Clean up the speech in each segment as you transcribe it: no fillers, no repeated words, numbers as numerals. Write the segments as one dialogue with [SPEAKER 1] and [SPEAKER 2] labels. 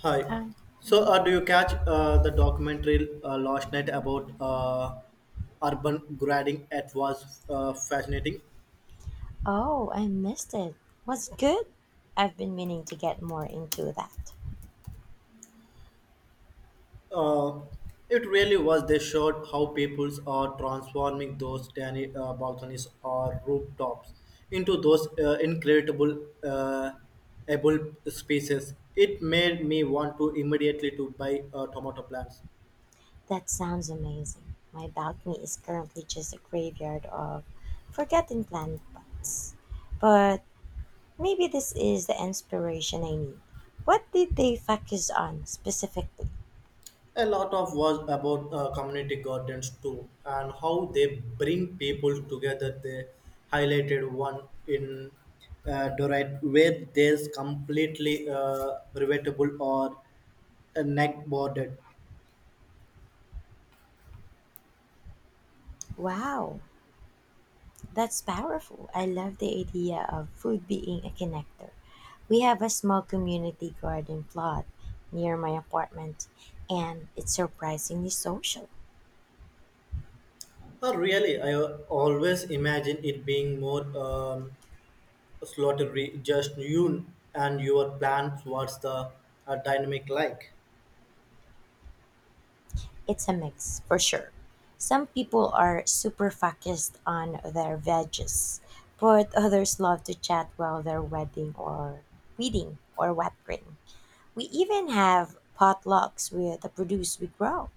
[SPEAKER 1] Hi.
[SPEAKER 2] Um,
[SPEAKER 1] So,
[SPEAKER 2] mhm.
[SPEAKER 1] uh, do you catch the documentary last night about urban grading? It was fascinating.
[SPEAKER 2] Oh, I missed it. Was it good? I've been meaning to get more into that.
[SPEAKER 1] Uh, it really was. They showed how peoples are transforming those tiny balconies or rooftops into those incredible able spaces. It made me want to immediately to buy tomato plants.
[SPEAKER 2] That sounds amazing. My balcony is currently just a graveyard of forgotten plant pots. But maybe this is the inspiration I need. What did they focus on specifically?
[SPEAKER 1] A lot of was about community gardens too, and how they bring people together. They highlighted one in Dorite where there's completely revetable or a neck bordered.
[SPEAKER 2] Wow, that's powerful. I love the idea of food being a connector. We have a small community garden plot near my apartment, and it's surprisingly social.
[SPEAKER 1] Really, I always imagine it being more slaughtery, just you and your plans. What's the dynamic like?
[SPEAKER 2] It's a mix, for sure. Some people are super focused on their veggies, but others love to chat while they're wedding or weeding or watering. We even have potlucks with the produce we grow.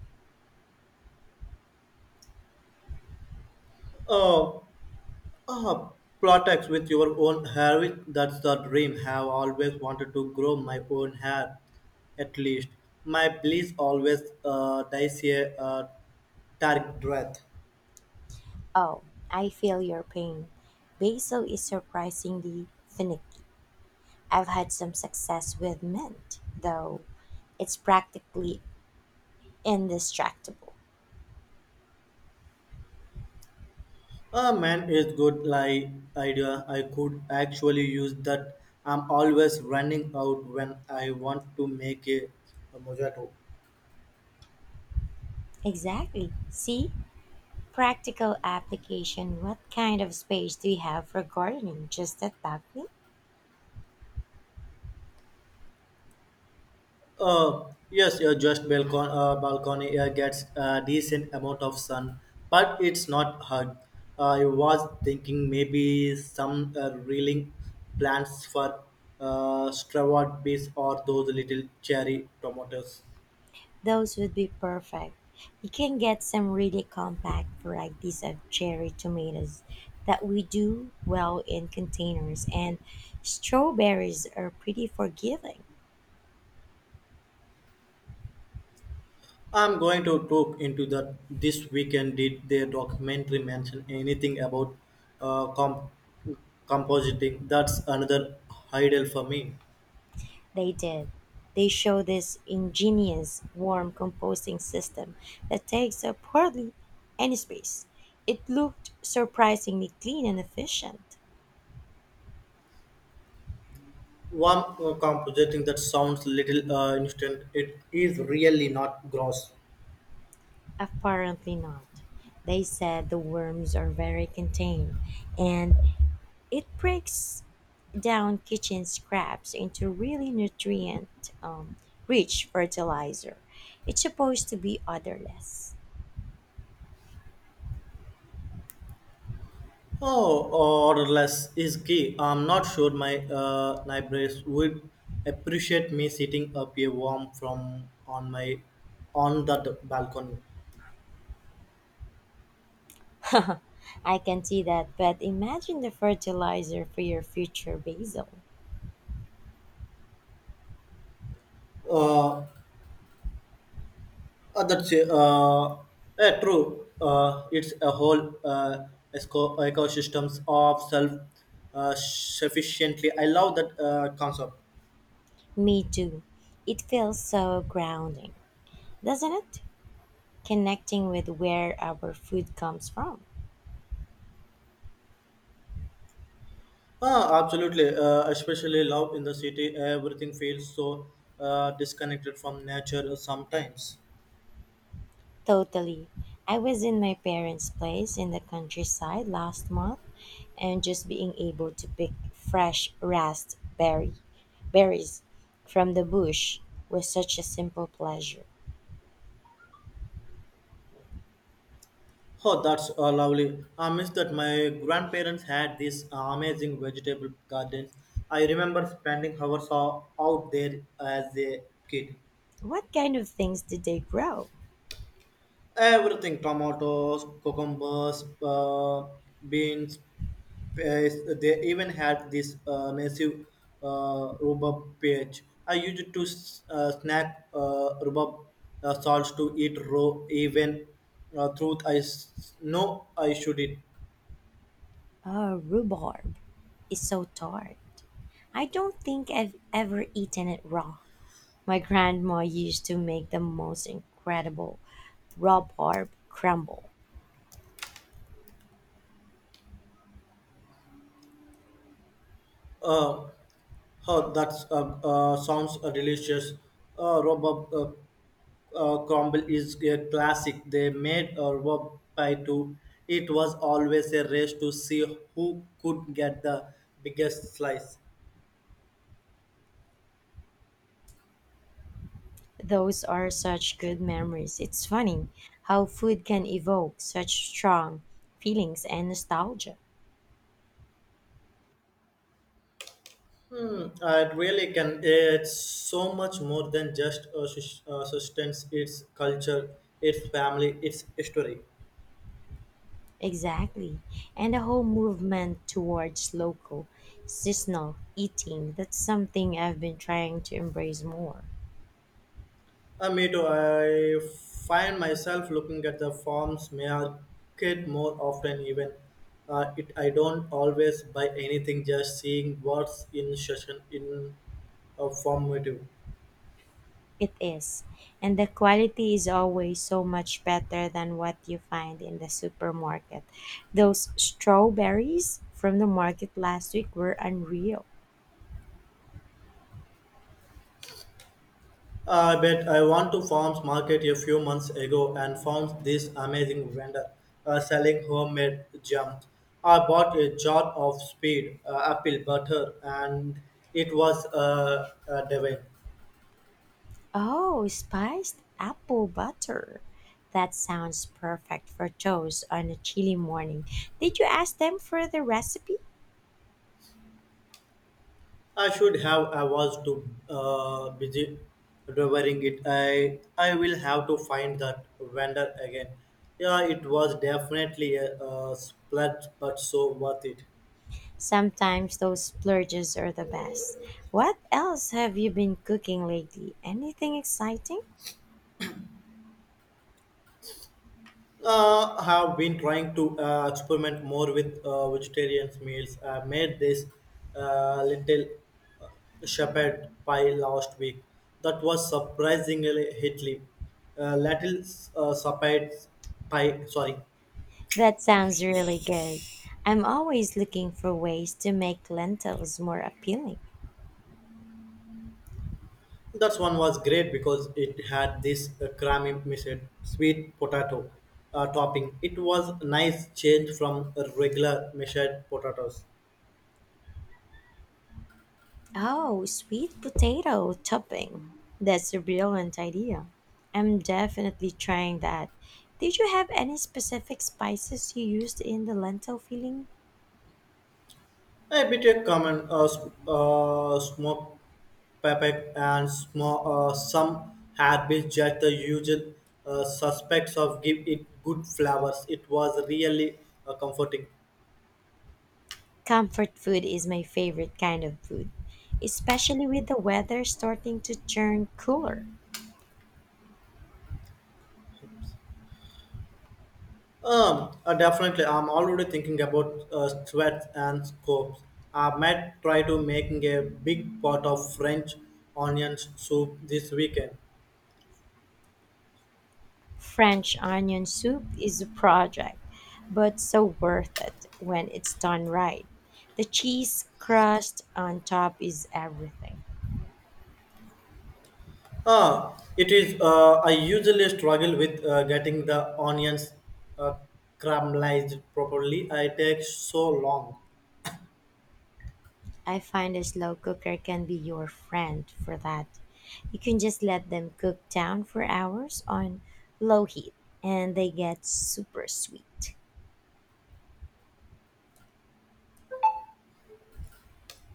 [SPEAKER 1] Uh, Ah, Products with your own hair, that's the dream. Have always wanted to grow my own hair, at least. My please always dies a uh, dark breath.
[SPEAKER 2] Oh, I feel your pain. Basil is surprisingly finicky. I've had some success with mint, though it's practically indestructible.
[SPEAKER 1] Ah, man, it's good like idea. I could actually use that. I'm always running out when I want to make a mojito.
[SPEAKER 2] Exactly. See? Practical application. What kind of space do you have for gardening? Just a balcony?
[SPEAKER 1] Yes, your just balcony, balcony gets a decent amount of sun, but it's not hard. I was thinking maybe some reeling plants for strawberry bees or those little cherry tomatoes.
[SPEAKER 2] Those would be perfect. You can get some really compact varieties of cherry tomatoes that we do well in containers, and strawberries are pretty forgiving.
[SPEAKER 1] I'm going to look into that this weekend. Did their documentary mention anything about uh, comp- compositing? That's another idol for me.
[SPEAKER 2] They did. They show this ingenious worm composting system that takes up hardly any space. It looked surprisingly clean and efficient.
[SPEAKER 1] Warm compositing, that sounds little instant, it is really not gross.
[SPEAKER 2] Apparently not. They said the worms are very contained and it breaks down kitchen scraps into really nutrient rich fertilizer. It's supposed to be odorless.
[SPEAKER 1] Oh or less is key. I'm not sure my neighbors would appreciate me sitting up a warm from on my on that balcony.
[SPEAKER 2] I can see that, but imagine the fertilizer for your future basil.
[SPEAKER 1] uh, that's true. It's a whole ecosystems of self sufficiently. I love that concept.
[SPEAKER 2] Me too. It feels so grounding, doesn't it? Connecting with where our food comes from.
[SPEAKER 1] Ah, absolutely. Especially love in the city, everything feels so disconnected from nature sometimes.
[SPEAKER 2] Totally. I was in my parents' place in the countryside last month and just being able to pick fresh raspberry berries from the bush was such a simple pleasure.
[SPEAKER 1] Oh, that's lovely. I miss that. My grandparents had these amazing vegetable gardens. I remember spending hours out there as a kid.
[SPEAKER 2] What kind of things did they grow?
[SPEAKER 1] Everything tomatoes, cucumbers, beans, pears. They even had this massive rhubarb patch. I used to snack rhubarb salts to eat raw, even truth I know I should eat.
[SPEAKER 2] Rhubarb is so tart. I don't think I've ever eaten it raw. My grandma used to make the most incredible rhubarb crumble.
[SPEAKER 1] Uh, oh, that sounds delicious. Rhubarb. Crumble is a classic. They made a work by two. It was always a race to see who could get the biggest slice.
[SPEAKER 2] Those are such good memories. It's funny how food can evoke such strong feelings and nostalgia.
[SPEAKER 1] Hmm, it really can. It's so much more than just a sustenance. It's culture, it's family, it's history.
[SPEAKER 2] Exactly. And the whole movement towards local, seasonal eating, that's something I've been trying to embrace more.
[SPEAKER 1] Me too. I find myself looking at the farms market more often, even I don't always buy anything, just seeing what's in session in a formative.
[SPEAKER 2] It is. And the quality is always so much better than what you find in the supermarket. Those strawberries from the market last week were unreal.
[SPEAKER 1] I bet. I went to farms market a few months ago and found this amazing vendor selling homemade jam. I bought a jar of speed, apple butter, and it was divine.
[SPEAKER 2] Oh, spiced apple butter. That sounds perfect for toast on a chilly morning. Did you ask them for the recipe?
[SPEAKER 1] I should have. I was too busy devouring it. I will have to find that vendor again. Yeah, it was definitely a splurge, but so worth it.
[SPEAKER 2] Sometimes those splurges are the best. What else have you been cooking lately? Anything exciting?
[SPEAKER 1] Have been trying to experiment more with vegetarian meals. I made this little uh, shepherd pie last week. That was surprisingly hitly. Little Shepherd pie. Sorry.
[SPEAKER 2] That sounds really good. I'm always looking for ways to make lentils more appealing.
[SPEAKER 1] That one was great because it had this creamy mixed sweet potato topping. It was a nice change from a regular mashed potatoes.
[SPEAKER 2] Oh, sweet potato topping. That's a brilliant idea. I'm definitely trying that. Did you have any specific spices you used in the lentil filling?
[SPEAKER 1] A bit of common smoked pepper and small, some had just the usual suspects of give it good flavors. It was really comforting.
[SPEAKER 2] Comfort food is my favorite kind of food, especially with the weather starting to turn cooler.
[SPEAKER 1] Definitely. I'm already thinking about sweats and scopes. I might try to making a big pot of French onion soup this weekend.
[SPEAKER 2] French onion soup is a project, but so worth it when it's done right. The cheese crust on top is everything.
[SPEAKER 1] Ah, it is. I usually struggle with getting the onions uh, caramelized properly. It takes so long.
[SPEAKER 2] I find a slow cooker can be your friend for that. You can just let them cook down for hours on low heat and they get super sweet.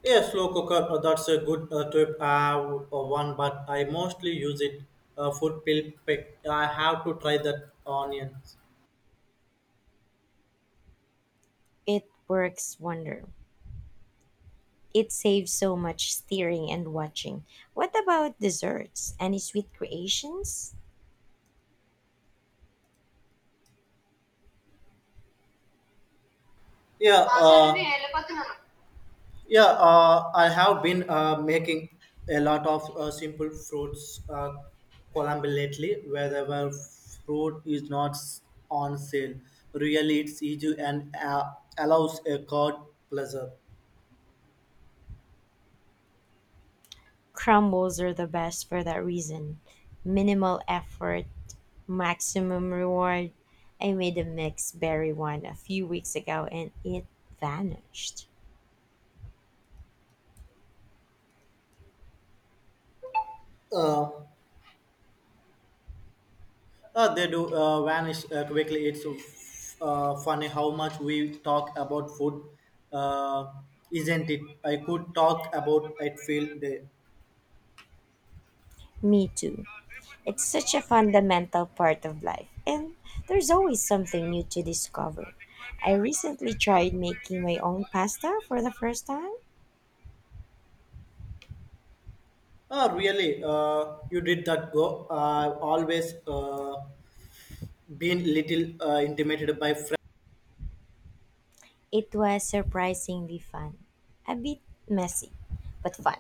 [SPEAKER 1] Yes, slow cooker. That's a good tip. I have one, but I mostly use it for peel pick. I have to try that onions.
[SPEAKER 2] It works wonder. It saves so much stirring and watching. What about desserts? Any sweet creations?
[SPEAKER 1] Yeah. Yeah, I have been making a lot of simple fruits column lately, wherever fruit is not on sale. Really, it's easy and allows a card pleasure.
[SPEAKER 2] Crumbles are the best for that reason. Minimal effort, maximum reward. I made a mixed berry one a few weeks ago and it vanished.
[SPEAKER 1] Uh, they do vanish quickly. It's funny how much we talk about food, uh, isn't it? I could talk about it feel day.
[SPEAKER 2] Me too. It's such a fundamental part of life, and there's always something new to discover. I recently tried making my own pasta for the first time.
[SPEAKER 1] Oh, really? You did that go. I always been little intimidated by friends.
[SPEAKER 2] It was surprisingly fun. A bit messy, but fun.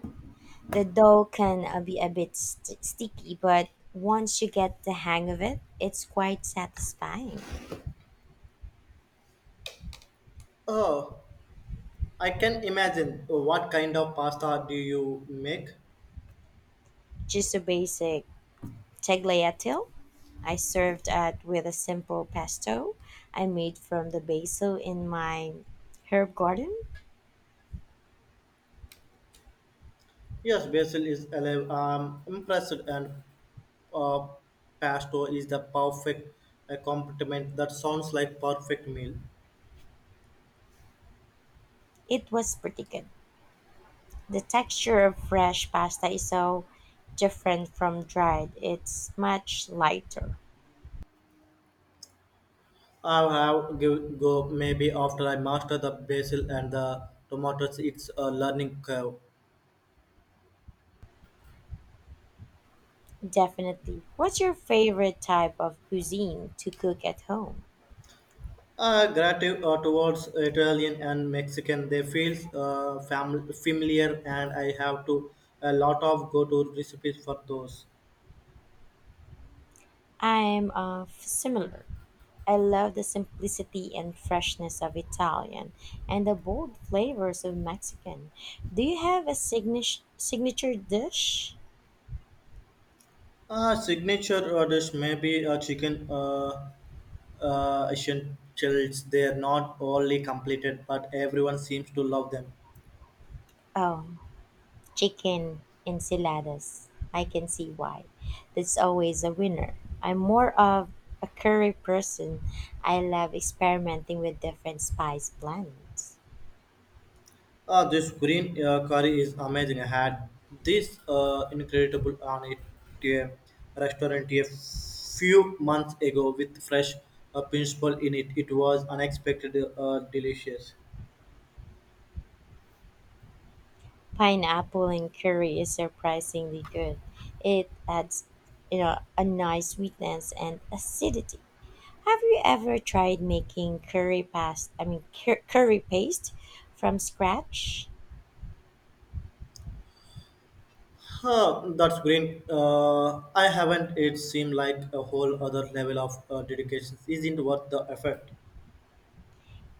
[SPEAKER 2] The dough can be a bit sticky, but once you get the hang of it, it's quite satisfying.
[SPEAKER 1] Oh, I can imagine. What kind of pasta do you make?
[SPEAKER 2] Just a basic tagliatelle. I served it with a simple pesto I made from the basil in my herb garden.
[SPEAKER 1] Yes, basil is alive. I'm impressed, and uh, pasto is the perfect complement. That sounds like perfect meal.
[SPEAKER 2] It was pretty good. The texture of fresh pasta is so different from dried. It's much lighter.
[SPEAKER 1] I'll have give go maybe after I master the basil and the tomatoes. It's a learning curve.
[SPEAKER 2] Definitely. What's your favorite type of cuisine to cook at home?
[SPEAKER 1] Gratitude towards Italian and Mexican, they feel familiar, and I have to a lot of go-to recipes for those.
[SPEAKER 2] I'm similar. I love the simplicity and freshness of Italian and the bold flavors of Mexican. Do you have a signature dish?
[SPEAKER 1] Signature dish may be a chicken essentials. They are not only completed, but everyone seems to love them.
[SPEAKER 2] Oh, chicken enchiladas. I can see why. That's always a winner. I'm more of a curry person. I love experimenting with different spice blends.
[SPEAKER 1] This green curry is amazing. I had this incredible on it to a restaurant a few months ago with fresh principal in it. It was unexpected, delicious.
[SPEAKER 2] Pineapple and curry is surprisingly good. It adds, you know, a nice sweetness and acidity. Have you ever tried making curry past? I mean, cur- curry paste from scratch?
[SPEAKER 1] Huh, that's green. I haven't. It seemed like a whole other level of dedication. Isn't worth the effort.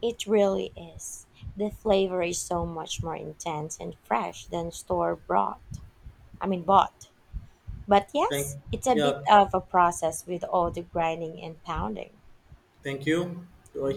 [SPEAKER 2] It really is. The flavor is so much more intense and fresh than store bought. But
[SPEAKER 1] Thank
[SPEAKER 2] yes, it's a bit
[SPEAKER 1] yeah.
[SPEAKER 2] of a process with all the grinding and pounding.
[SPEAKER 1] Thank you. Roy.